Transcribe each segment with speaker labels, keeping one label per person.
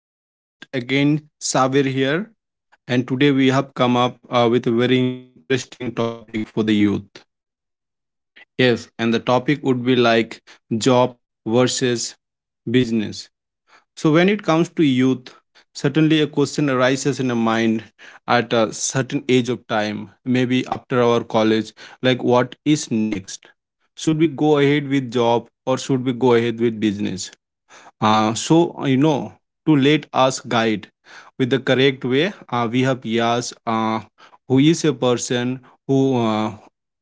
Speaker 1: This is your host again, Saver here, and today we have come up with a very interesting topic for the youth. Yes, and the topic would be like job versus business. So, when it comes to youth, certainly a question arises in a mind at a certain age of time, maybe after our college, like what is next? Should we go ahead with job or should we go ahead with business? Uh, so, uh, you know, to let us guide with the correct way, we have Yas, who is a person who,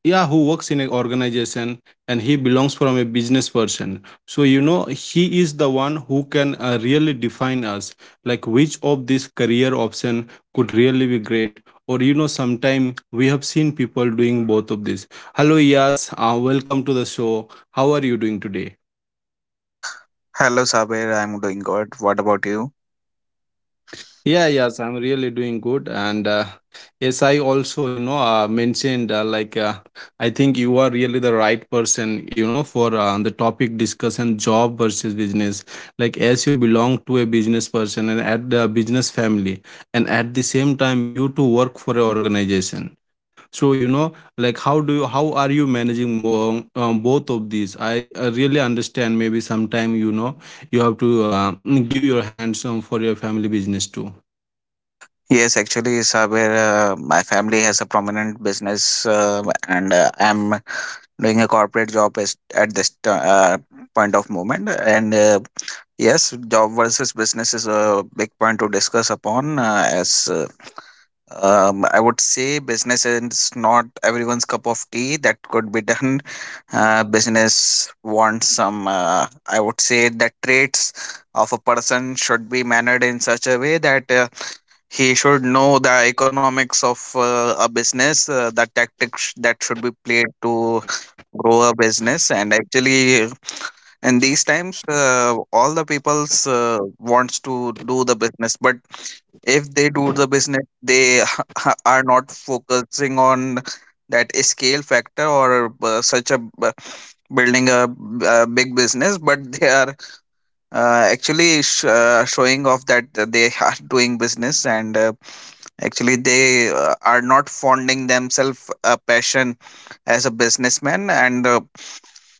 Speaker 1: yeah, who works in an organization, and he belongs from a business person. So, he is the one who can really define us, like which of this career option could really be great. Or, sometime we have seen people doing both of this. Hello, Yas. Welcome to the show. How are you doing today?
Speaker 2: Hello, Sabir. I'm doing good. What about you?
Speaker 1: Yeah, yes, I'm really doing good. And yes, I also, mentioned like, I think you are really the right person, for the topic discussion job versus business. Like, as you belong to a business person and at the business family, and at the same time, you to work for an organization. So, like, how are you managing more, both of these? I really understand maybe sometime, you have to give your hands for your family business too.
Speaker 2: Yes, actually, Sabir, my family has a prominent business, and I'm doing a corporate job as, at this point of moment. And yes, job versus business is a big point to discuss upon, as I would say business is not everyone's cup of tea. That could be done. Business wants some. I would say the traits of a person should be mannered in such a way that he should know the economics of a business, the tactics that should be played to grow a business, and actually and these times all the people's wants to do the business, but if they do the business they are not focusing on that scale factor or such a building a, a big business, but they are actually showing off that they are doing business, and actually they are not fonding themselves a passion as a businessman, and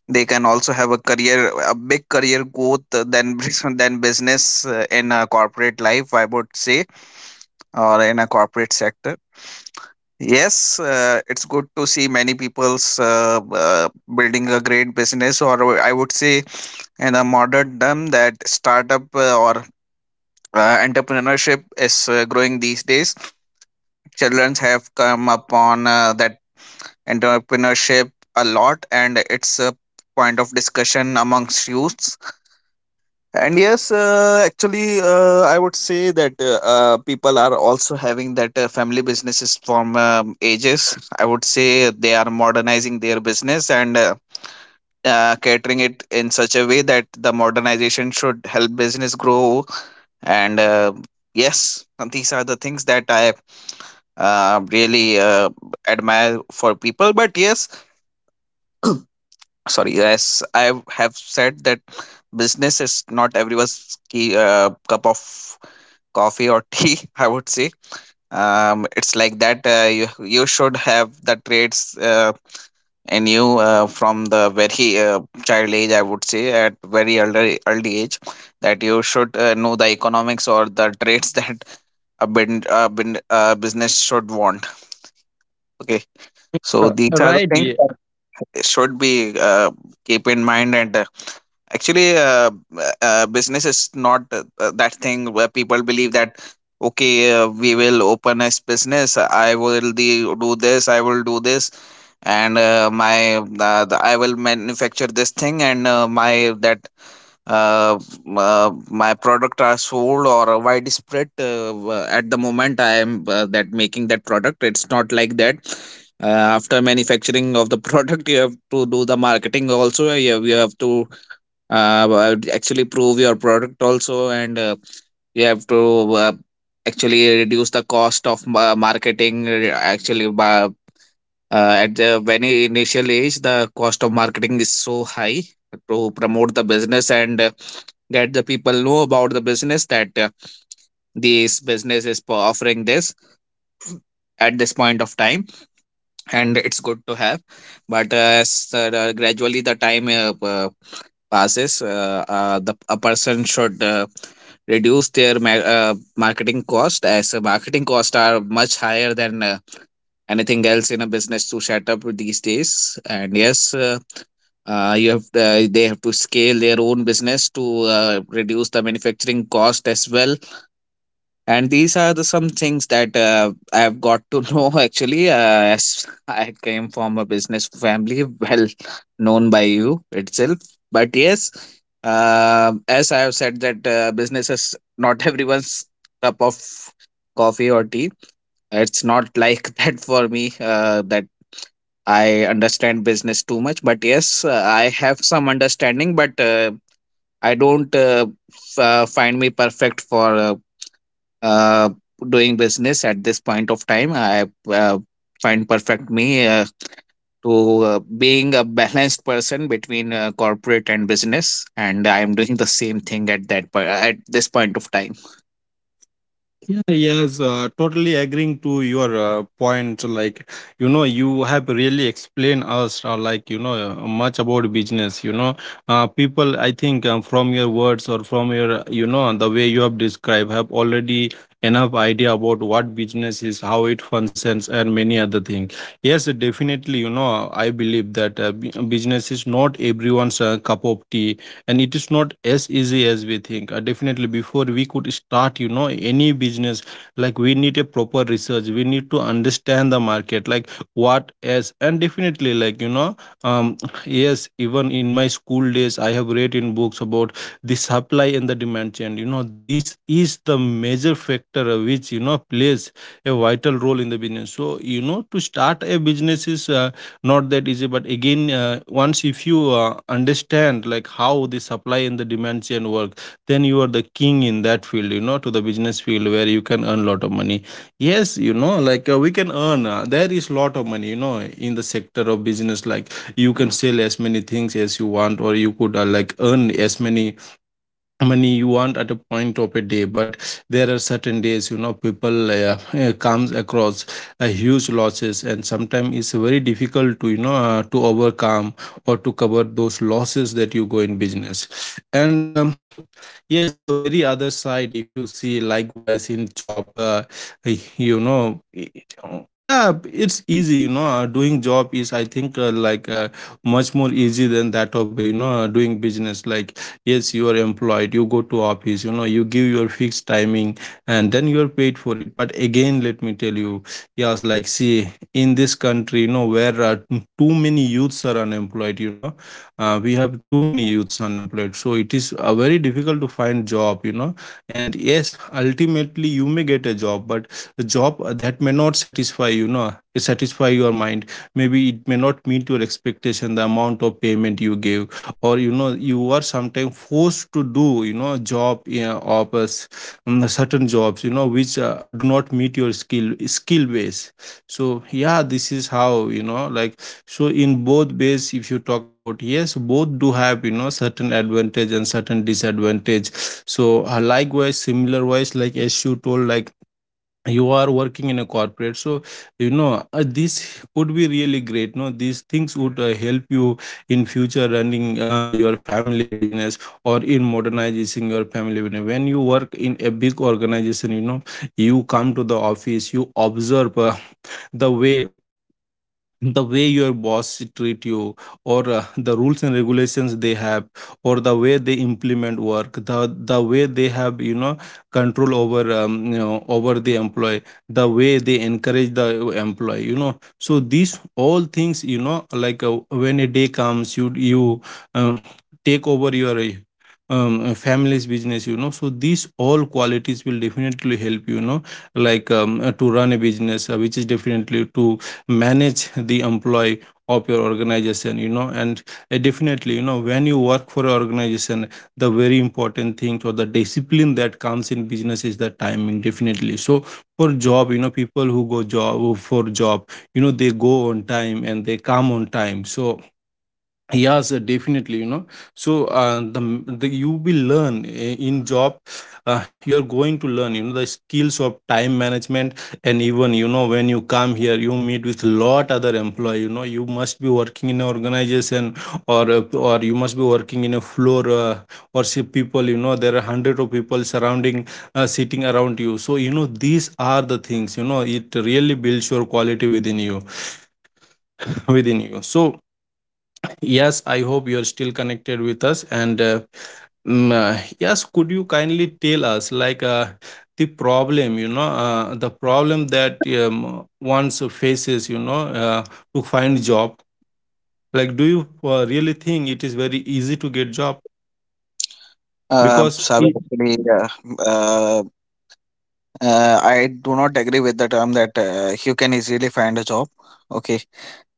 Speaker 2: they can also have a career, a big career growth than than business in a corporate life, I would say, or in a corporate sector. Yes, it's good to see many people's building a great business, or I would say, in a modern term, that startup or entrepreneurship is growing these days. Children have come upon that entrepreneurship a lot, and it's a point of discussion amongst youths. And yes, actually, I would say that people are also having that family businesses from ages. I would say they are modernizing their business, and catering it in such a way that the modernization should help business grow. And yes, these are the things that I really admire for people. But yes, sorry, yes, I have said that business is not everyone's key cup of coffee or tea, I would say. Um, it's like that you should have the traits in you from the very child age, I would say, at very early age, that you should know the economics or the traits that a business should want. Okay, so these are the
Speaker 1: Right.
Speaker 2: things
Speaker 1: Yeah.
Speaker 2: that should be keep in mind, and actually business is not that thing where people believe that okay, we will open a business, I will do this, I will do this, and my I will manufacture this thing, and my that uh, my product are sold or widespread at the moment I am that making that product. It's not like that after manufacturing of the product you have to do the marketing also. You have to actually prove your product also, and you have to uh, actually reduce the cost of marketing actually by, at the very initial age the cost of marketing is so high to promote the business, and get the people know about the business that this business is offering this at this point of time, and it's good to have. But as gradually the time passes, the a person should reduce their marketing cost, as marketing costs are much higher than anything else in a business to set up these days. And yes, you have they have to scale their own business to reduce the manufacturing cost as well. And these are the some things that I've got to know, actually, as I came from a business family, well known by you itself. But yes, as I have said that business is not everyone's cup of coffee or tea. It's not like that for me that I understand business too much. But yes, I have some understanding, but I don't find me perfect for uh, doing business at this point of time. I find perfect me to being a balanced person between corporate and business, and I am doing the same thing at at this point of time.
Speaker 1: Yeah, yes, Totally agreeing to your point. Like, you have really explained us, like, much about business. People, I think, from your words or from your, the way you have described, have already enough idea about what business is, how it functions, and many other things. Yes, definitely, I believe that business is not everyone's cup of tea, and it is not as easy as we think. Definitely, before we could start any business, like, we need a proper research. We need to understand the market, like what. As and Definitely, um yes, even in my school days, I have read in books about the supply and the demand chain. This is the major factor which plays a vital role in the business. So, to start a business is not that easy. But again, once if you understand like how the supply and the demand chain work, then you are the king in that field, to the business field, where you can earn a lot of money. Yes, like, we can earn. There is lot of money, in the sector of business. Like, you can sell as many things as you want, or you could, like, earn as many money you want at a point of a day. But there are certain days, people comes across a huge losses, and sometimes it's very difficult to to overcome or to cover those losses that you go in business. And yes, the very other side, if you see likewise in job, you know yeah, it's easy. Doing job is, I think, much more easy than that of, doing business. Like, yes, you are employed, you go to office, you give your fixed timing, and then you are paid for it. But again, let me tell you, yes, like, see, in this country, where too many youths are unemployed. We have too many youths unemployed, so it is very difficult to find job, and yes, ultimately, you may get a job, but a job that may not satisfy, satisfy your mind. Maybe it may not meet your expectation, the amount of payment you give, or, you are sometimes forced to do, job, yeah, of a certain jobs, which do not meet your skill base. So yeah, this is how, like, so in both ways, if you talk about, yes, both do have, certain advantage and certain disadvantage. So likewise, similar wise, like as you told, like, you are working in a corporate. So, this would be really great. No, these things would help you in future running your family business, or in modernizing your family business. When you work in a big organization, you come to the office, you observe the way, your boss treat you, or the rules and regulations they have, or the way they implement work, the way they have, control over, over the employee, the way they encourage the employee. So these all things, like, when a day comes, you um, take over your, family's business. So these all qualities will definitely help you, you know like to run a business, which is definitely to manage the employee of your organization. And definitely, when you work for an organization, the very important thing, or the discipline that comes in business, is the timing. Definitely. So for job, people who go job for job, they go on time and they come on time. So yes, definitely, so the, m- the you will learn in job, you're going to learn the skills of time management. And even, when you come here, you meet with lot other employee. You must be working in an organization, or you must be working in a floor, or see people. There are hundred of people surrounding, sitting around you. So, these are the things, it really builds your quality within you within you. So yes, I hope you're still connected with us. And yes, could you kindly tell us, like, the problem, the problem that one faces, to find job? Like, do you really think it is very easy to get job? Because
Speaker 2: Sabe,
Speaker 1: it,
Speaker 2: actually, uh, I do not agree with the term that you can easily find a job. Okay.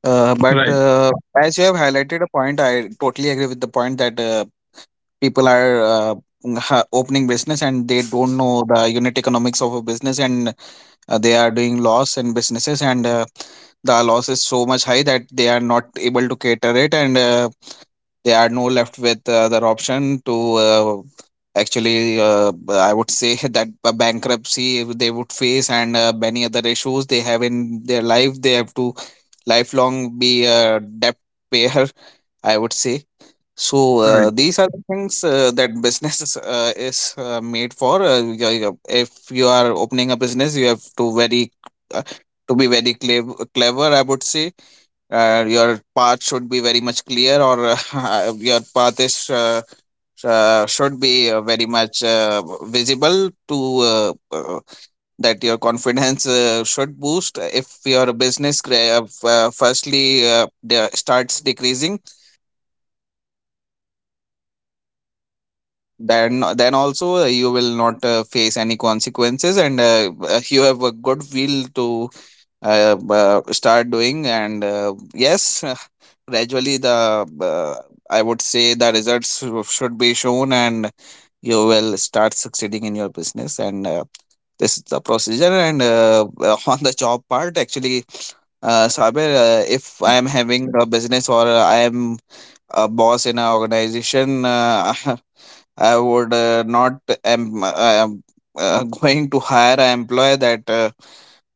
Speaker 2: But
Speaker 1: right,
Speaker 2: as you have highlighted a point, I totally agree with the point that people are opening business and they don't know the unit economics of a business, and they are doing loss in businesses, and the loss is so much high that they are not able to cater it, and they are no left with other option to actually I would say that a bankruptcy they would face, and many other issues they have in their life. They have to lifelong be a debt payer, I would say. So
Speaker 1: right,
Speaker 2: these are the things that business is made for. Yeah, yeah. If you are opening a business, you have to very uh, to be very clever. I would say your path should be very much clear, or your path is should be very much visible to that your confidence should boost. If your business firstly starts decreasing, then also you will not face any consequences, and you have a good will to start doing, and yes, gradually the I would say the should be shown, and you will start succeeding in your business. And this is the procedure. And on the job part, actually, Saber, if I am having a business or I am a boss in an organization, I would not am going to hire an employee that uh,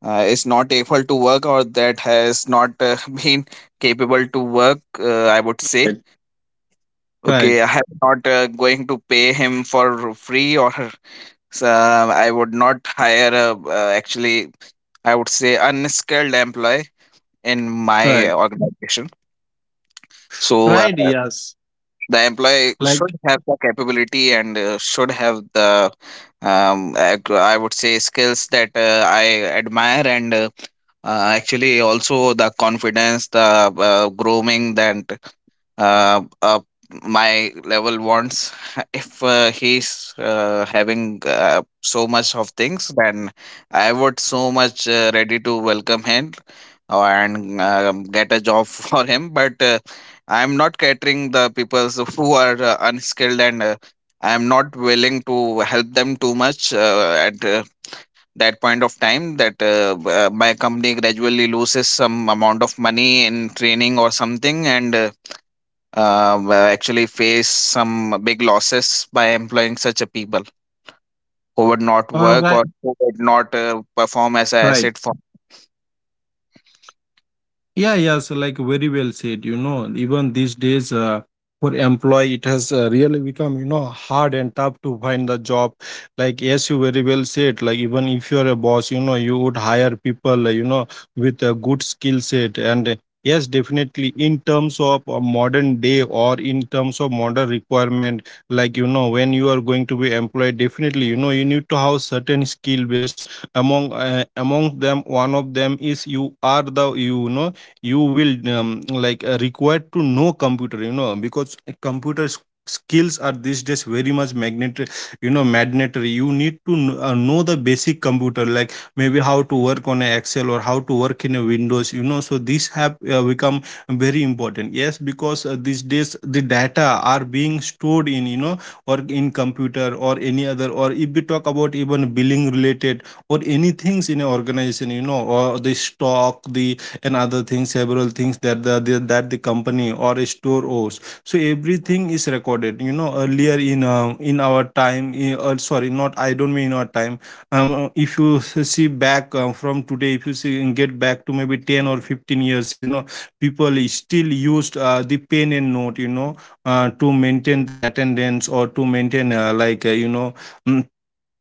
Speaker 2: uh, is not able to work, or that has not been capable to work. I would say,
Speaker 1: right,
Speaker 2: okay, I am not going to pay him for free, or so I would not hire a actually I would say unskilled employee in
Speaker 1: right,
Speaker 2: my organization. So
Speaker 1: right. Yes,
Speaker 2: the employee
Speaker 1: like,
Speaker 2: should have the capability, and should have the I would say skills that I admire, and actually also the confidence, the grooming that uh, uh my level wants. If he's having so much of things, then I would so much ready to welcome him, and um, get a job for him. But I'm not catering the people who are unskilled, and I'm not willing to help them too much at that point of time that my company gradually loses some amount of money in training or something, and actually face some big losses by employing such a people who would not work
Speaker 1: right,
Speaker 2: or who would not perform as an
Speaker 1: right.
Speaker 2: asset for.
Speaker 1: Yeah, yes, like, very well said. Even these days, for employee, it has really become, hard and tough to find the job. Like, yes, you very well said. Like, even if you're a boss, you would hire people, with a good skill set. And yes, definitely, in terms of modern day, or in terms of modern requirement, like, when you are going to be employed, definitely, you need to have certain skill base among among them. One of them is you are the, you will like, required to know computer. Because skills are these days very much magnetic, mandatory. You need to know the basic computer, like maybe how to work on a Excel, or how to work in a Windows. So these have become very important. Yes, because these days, the data are being stored in, or in computer or any other. Or if we talk about even billing related or any things in an organization, or the stock, the and other things, several things that the that the company or a store owes. So everything is recorded, earlier, in our time, sorry, not, I don't mean our time. If you see back from today, if you see and get back to maybe 10 or 15 years, people is still used the pen and note, to maintain the attendance, or to maintain mm,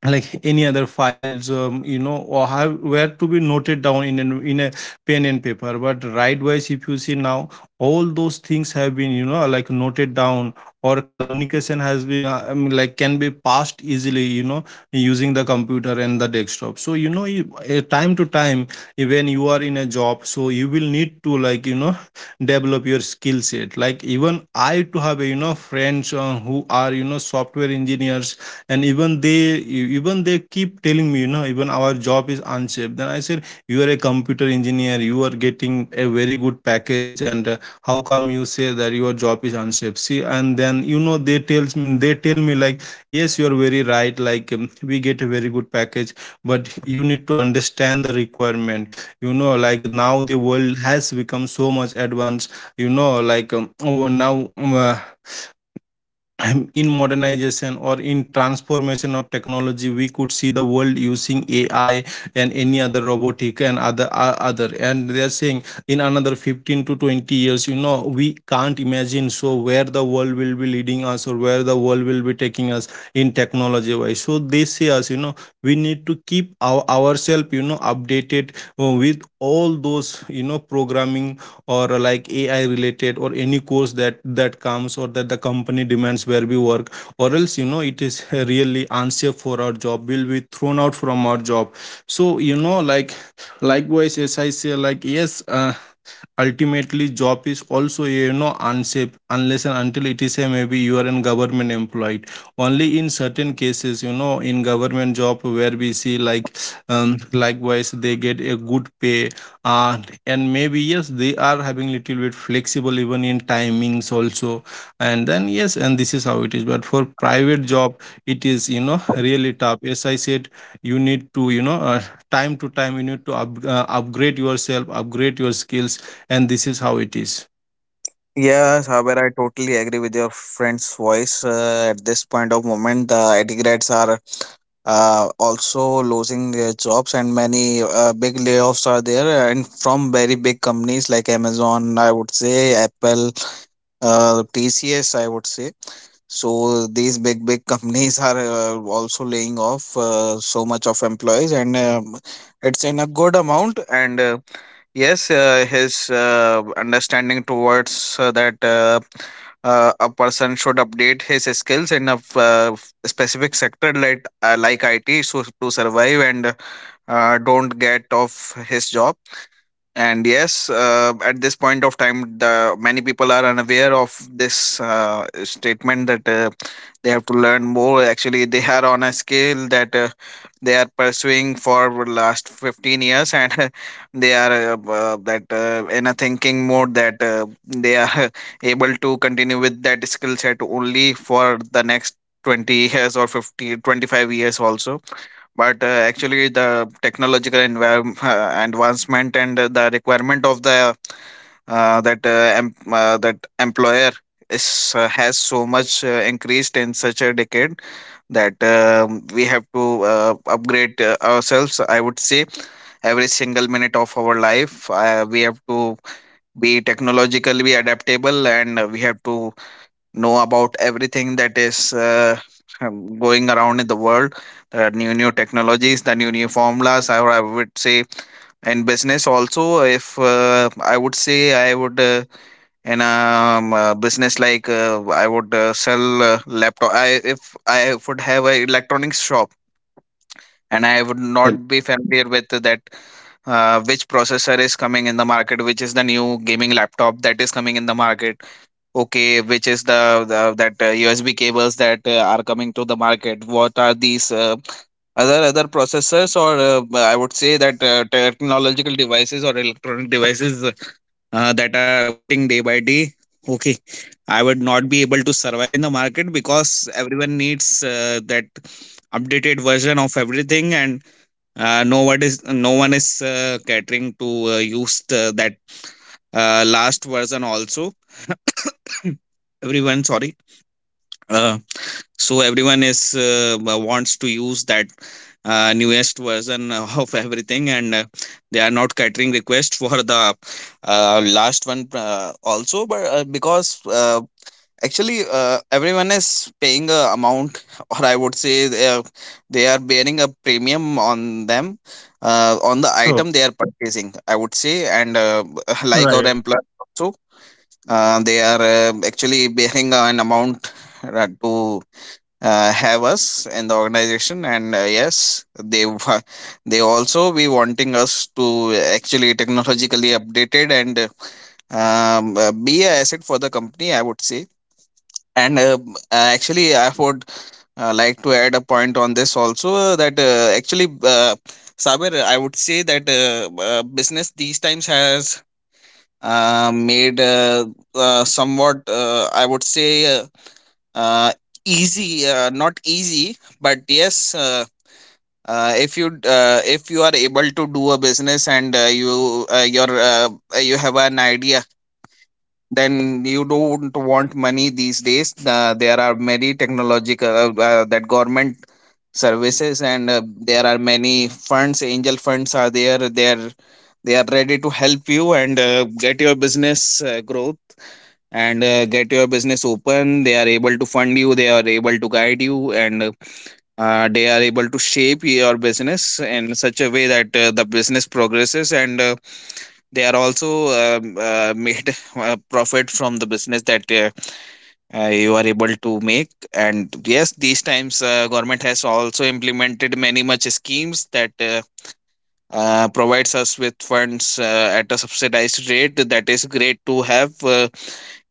Speaker 1: like any other files, or have were to be noted down in in a pen and paper. But right wise, if you see now, all those things have been, like, noted down, or communication has been, like, can be passed easily, using the computer and the desktop. So, time to time, when you are in a job, so you will need to, like, develop your skill set. Like, even I to have a, friends who are, software engineers, and even they, e- even they keep telling me, you know, even our job is unsafe. Then I said, you are a computer engineer, you are getting a very good package, and how come you say that your job is unsafe. See, and then you know they tells me they tell me like, yes you are very right. Like we get a very good package, but you need to understand the requirement. You know, like now the world has become so much advanced. You know like oh, now In modernization or in transformation of technology, we could see the world using ai, and any other robotic and other other and they are saying in another 15 to 20 years, you know, we can't imagine. So where the world will be leading us, or where the world will be taking us in technology wise. So they say us, you know, we need to keep ourselves, you know, updated with all those, you know, programming, or like ai related, or any course that comes, or that the company demands where we work. Or else, you know, it is really unsafe for our job, we will be thrown out from our job. So you know, like, likewise as I say, like yes, ultimately job is also, you know, unsafe, unless and until it is a, maybe you are in government employed. Only in certain cases, you know, in government job where we see like, likewise they get a good pay. uh, and maybe yes, they are having little bit flexible even in timings also. And then yes, and this is how it is. But for private job, it is, you know, really tough. As I said, you need to, you know, time to time you need to upgrade yourself, upgrade your skills. And this is how it is.
Speaker 2: Yes, however, I totally agree with your friend's voice. At this point of moment, the IT are also losing their jobs, and many big layoffs are there. And from very big companies like Amazon, I would say Apple, TCS, I would say. So these big companies are also laying off so much of employees, and it's in a good amount. And Yes, his understanding towards that a person should update his skills in a specific sector like IT, so to survive and don't get off his job. And yes, at this point of time, the many people are unaware of this statement that they have to learn more. Actually, they are on a scale that they are pursuing for last 15 years, and they are that in a thinking mode that they are able to continue with that skill set only for the next 20 years or 50 25 years also. But actually, the technological environment advancement and the requirement of the that employer is has so much increased in such a decade, that we have to upgrade ourselves, I would say, every single minute of our life. We have to be technologically adaptable, and we have to know about everything that is going around in the world, the new new technologies, the new new formulas. Or I would say, in business also, if I would say I would in a business, like I would sell laptop. I If I would have a electronics shop and I would
Speaker 1: Right.
Speaker 2: not be familiar with that, which processor is coming in the market, which is the new gaming laptop that is coming in the market. Okay, which is the that USB cables that are coming to the market? What are these other other processors, or I would say, that technological devices or electronic devices that are upgrading day by day? Okay, I would not be able to survive in the market because everyone needs that updated version of everything, and no one is catering to use the, that last version also. Everyone, sorry. Uh, so everyone is wants to use that newest version of everything, and they are not catering request for the last one also, but because actually, everyone is paying a amount or I would say, they are bearing a premium on them, on the
Speaker 1: Sure.
Speaker 2: item they are purchasing, I would say, and like
Speaker 1: Right.
Speaker 2: our employer also. They are actually bearing an amount to have us in the organization. And yes, they also be wanting us to actually technologically updated, and be a asset for the company, I would say. And actually, I would like to add a point on this also, that actually, Saber, I would say that business these times has made somewhat, I would say, uh, easy, not easy, but yes, if you are able to do a business and you have an idea, then you don't want money these days. There are many technological that government services, and there are many funds, angel funds are there, they are ready to help you and get your business growth, and get your business open. They are able to fund you, they are able to guide you, and they are able to shape your business in such a way that the business progresses, and they are also made profit from the business that you are able to make. And yes, these times, government has also implemented many much schemes that provides us with funds at a subsidized rate, that is great to have.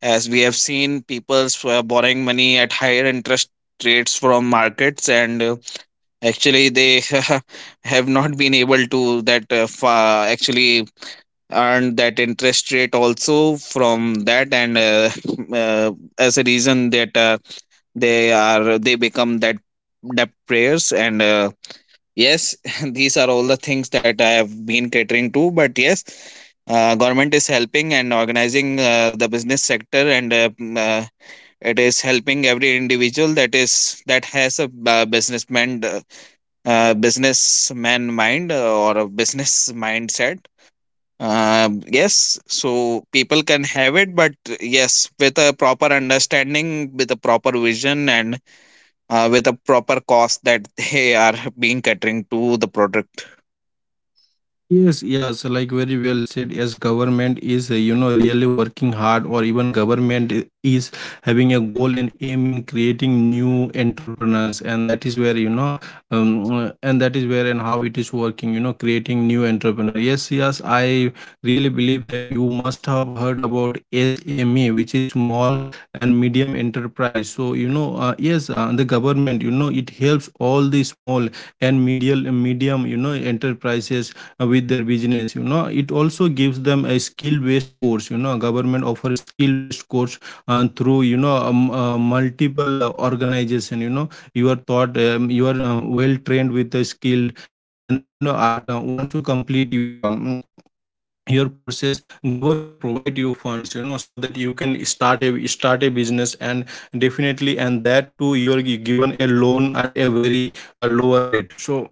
Speaker 2: As we have seen, people were borrowing money at higher interest rates from markets, and actually they have not been able to that actually earn that interest rate also from that. And uh, as a reason that they become that debt prayers. And yes, these are all the things that I have been catering to. But yes, government is helping and organizing the business sector, and it is helping every individual that is that has a businessman businessman mind, or a business mindset. Yes, so people can have it, but yes, with a proper understanding, with a proper vision, and with a proper cost that they are being catering to the product.
Speaker 1: Yes, yes, like very well said. Yes, government is, you know, really working hard, or even is having a goal and aim in creating new entrepreneurs, and that is where you know, and that is where and how it is working. You know, creating new entrepreneur. Yes, yes, I really believe that you must have heard about SME, which is small and medium enterprise. So you know, yes, the government, you know, it helps all the small and medium, you know, enterprises with their business. You know, it also gives them a skill based course. You know, government offers skill based course through you know multiple organization. You know, you are taught you are well trained with the skill. And then you know at once you complete your courses, government provide you funds, you know, so that you can start a business. And definitely, and that too you are given a loan at a very lower rate. So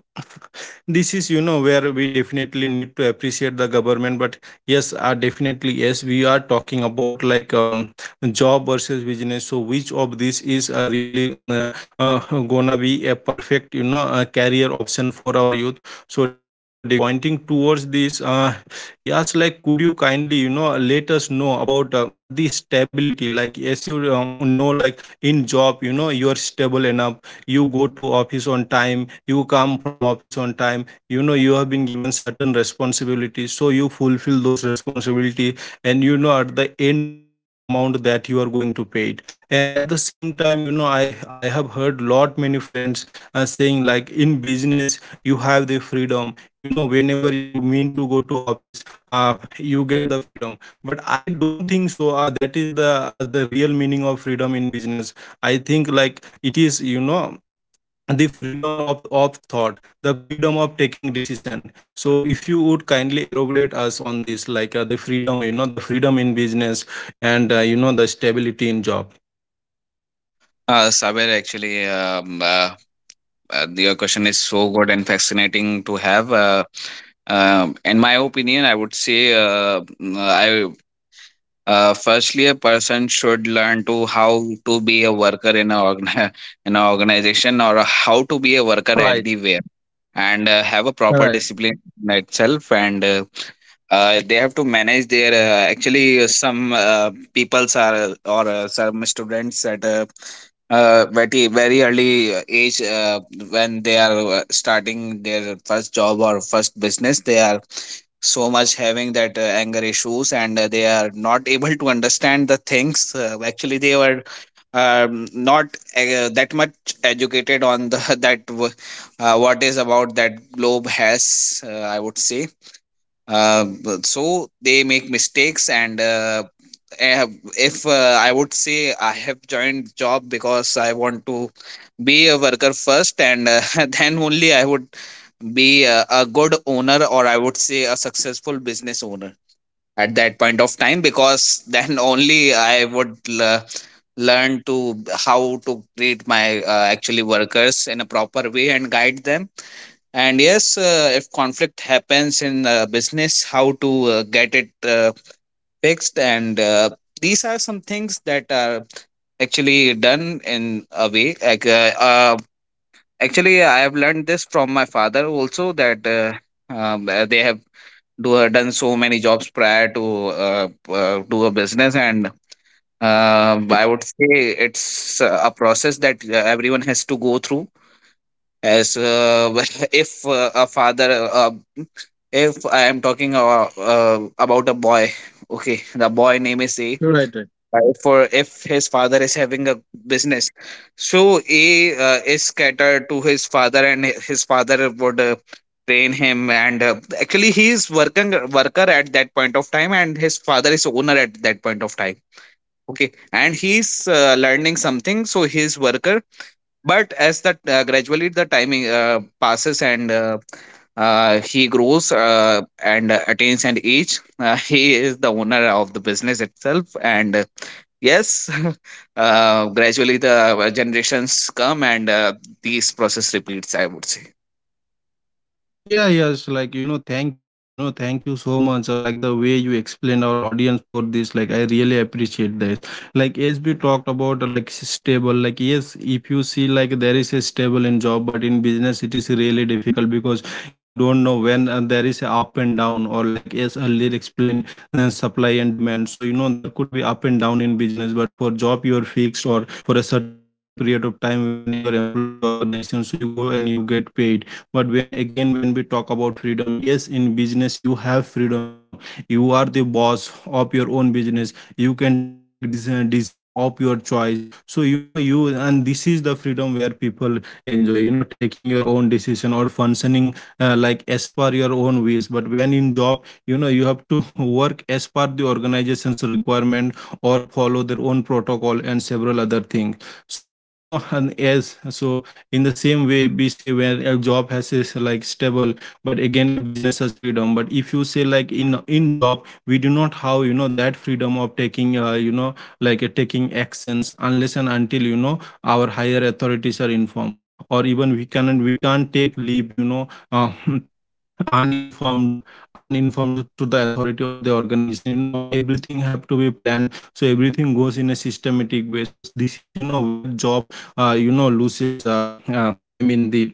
Speaker 1: this is, you know, where we definitely need to appreciate the government. But yes, definitely yes, we are talking about like job versus business. So which of this is really gonna be a perfect, you know, career option for our youth. So definitely pointing towards this, yes, like could you kindly, you know, let us know about the stability. Like as you know, like in job, you know, you are stable enough. You go to office on time, you come from office on time, you know, you have been given certain responsibilities, so you fulfill those responsibility. And you know, at the end of the month, the amount that you are going to pay it. And at the same time, you know, I have heard lot many friends saying, like in business you have the freedom. You know, whenever you mean to go to office, you get the freedom. But I don't think so that is the real meaning of freedom in business. I think like it is, you know, the freedom of thought, the freedom of taking decision. So if you would kindly elaborate us on this, like the freedom, you know, the freedom in business. And you know, the stability in job.
Speaker 2: Saber, actually, um, uh, your question is so good and fascinating to have. In my opinion, I would say, mm, I firstly, a person should learn to how to be a worker in a in an organization, or how to be a worker
Speaker 1: All right.
Speaker 2: anywhere, and have a
Speaker 1: All
Speaker 2: proper
Speaker 1: right.
Speaker 2: discipline in itself. And they have to manage their actually, some people's are, or some students at very very early age, when they are starting their first job or first business, they are so much having that anger issues, and they are not able to understand the things. Actually, they were not that much educated on the that what is about that globe has, I would say. uh, so they make mistakes. And eh, if I would say, I have joined job because I want to be a worker first, and then only I would be a good owner, or I would say, a successful business owner at that point of time, because then only I would learn to how to treat my actually workers in a proper way and guide them. And yes, if conflict happens in business, how to get it fixed. And these are some things that are actually done in a way, actually I have learned this from my father also, that they have do done so many jobs prior to do a business. And uh, I would say it's a process that everyone has to go through. As if a father uh, if I am talking about a boy, okay, the boy name is a, right? For if his father is having a business, so he is catered to his father, and his father would train him. And actually, he is working worker at that point of time, and his father is owner at that point of time. Okay, and he's learning something, so he's worker. But as that gradually, the timing passes, and he grows and attains an age. He is the owner of the business itself, and yes, gradually the generations come and these process repeats, I would say.
Speaker 1: Yeah, yes, like you know, thank you, you know, thank you so much. Or like the way you explain our audience for this, like I really appreciate this. Like as we talked about, like stable, like yes, if you see like there is a stable in job. But in business it is really difficult because you don't know when there is a up and down, or like as earlier explained, supply and demand. So you know there could be up and down in business, but for job you are fixed or for a certain time period of time when you are employed to organization, so you go and you get paid. But when again, when we talk about freedom, yes in business you have freedom, you know, you are the boss of your own business. You can take decision of your choice. So you know you and this is the freedom where people enjoy, you know, taking your own decision or functioning like as per your own ways. But when in job, you know, you have to work as per the organization's requirement, or follow their own protocol and several other things. So you know, and as so, in the same way we say where a job has is like stable. But again a business has freedom. But if you say like in job we do not have, you know, that freedom of taking, you know, like taking actions unless and until, you know, our higher authorities are informed. Or even we can't take leave, you know, uninformed uninformed to the authority or the organization. You know, our everything have to be planned, so everything goes in a systematic way. So this is, you know, where job you know, loses, I mean, the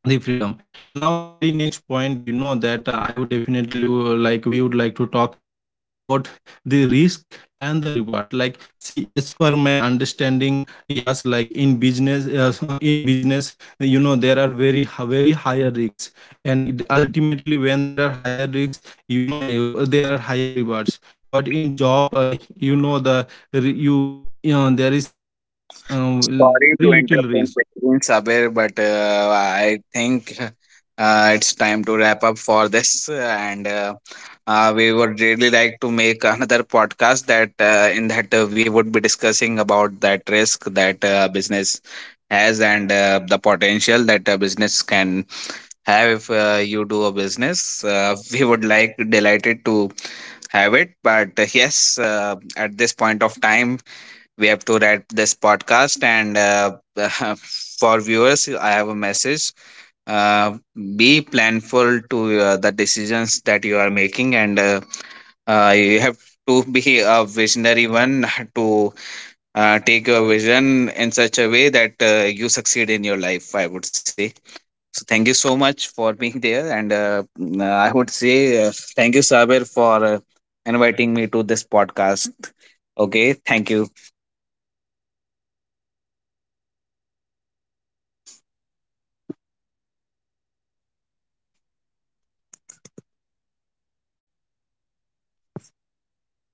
Speaker 1: the freedom. Now the very next point, you know that I would definitely like we would like to talk is about the risk and the reward. Like see, as per my understanding, yes like in business yes, so in business you know there are very higher risks. And ultimately when there are higher risks, you know there are higher rewards. But in job, you know the re- you you know there is a uh,
Speaker 2: Sorry
Speaker 1: very
Speaker 2: to
Speaker 1: little
Speaker 2: interrupt in
Speaker 1: risk.
Speaker 2: between, Sabir, but I think it's time to wrap up for this. And we would really like to make another podcast, that in that we would be discussing about that risk that business has, and the potential that a business can have if you do a business. We would like delighted to have it. But yes, at this point of time, we have
Speaker 1: Uh,
Speaker 2: to wrap this
Speaker 1: yeah, yes,
Speaker 2: podcast.
Speaker 1: like you
Speaker 2: And
Speaker 1: know, like very well said and
Speaker 2: for
Speaker 1: very well
Speaker 2: viewers, I have a
Speaker 1: explained. I think
Speaker 2: message.
Speaker 1: you are
Speaker 2: Uh,
Speaker 1: very true.
Speaker 2: be
Speaker 1: We can
Speaker 2: planful
Speaker 1: discuss
Speaker 2: to
Speaker 1: about
Speaker 2: the
Speaker 1: this in the
Speaker 2: decisions that
Speaker 1: very
Speaker 2: you are
Speaker 1: next
Speaker 2: making, and
Speaker 1: podcast. Yes, you know very well
Speaker 2: you
Speaker 1: that
Speaker 2: have
Speaker 1: you
Speaker 2: to
Speaker 1: know
Speaker 2: be
Speaker 1: these
Speaker 2: a
Speaker 1: are the
Speaker 2: visionary
Speaker 1: topics
Speaker 2: one
Speaker 1: which cannot be
Speaker 2: to
Speaker 1: covered. You
Speaker 2: take your
Speaker 1: know.
Speaker 2: vision in such a
Speaker 1: Which
Speaker 2: way
Speaker 1: cannot be
Speaker 2: that
Speaker 1: covered in
Speaker 2: you
Speaker 1: one
Speaker 2: succeed in your
Speaker 1: conversation,
Speaker 2: life, I would say.
Speaker 1: certainly. So,
Speaker 2: So
Speaker 1: we
Speaker 2: thank you
Speaker 1: will
Speaker 2: so
Speaker 1: cover it
Speaker 2: much
Speaker 1: in
Speaker 2: for
Speaker 1: the
Speaker 2: being
Speaker 1: very
Speaker 2: there, and
Speaker 1: next
Speaker 2: I would
Speaker 1: podcast
Speaker 2: say,
Speaker 1: about the,
Speaker 2: thank you, Saber,
Speaker 1: the
Speaker 2: for
Speaker 1: risk,
Speaker 2: inviting me
Speaker 1: the
Speaker 2: to this
Speaker 1: reward, the
Speaker 2: podcast.
Speaker 1: strengthen, and
Speaker 2: Okay,
Speaker 1: you know
Speaker 2: thank
Speaker 1: that
Speaker 2: you.
Speaker 1: there are several other like the growth, like the practicing and several other things. So yes, you know, thank you so much for joining us in this podcast and having you. So thank you, yes, and take care.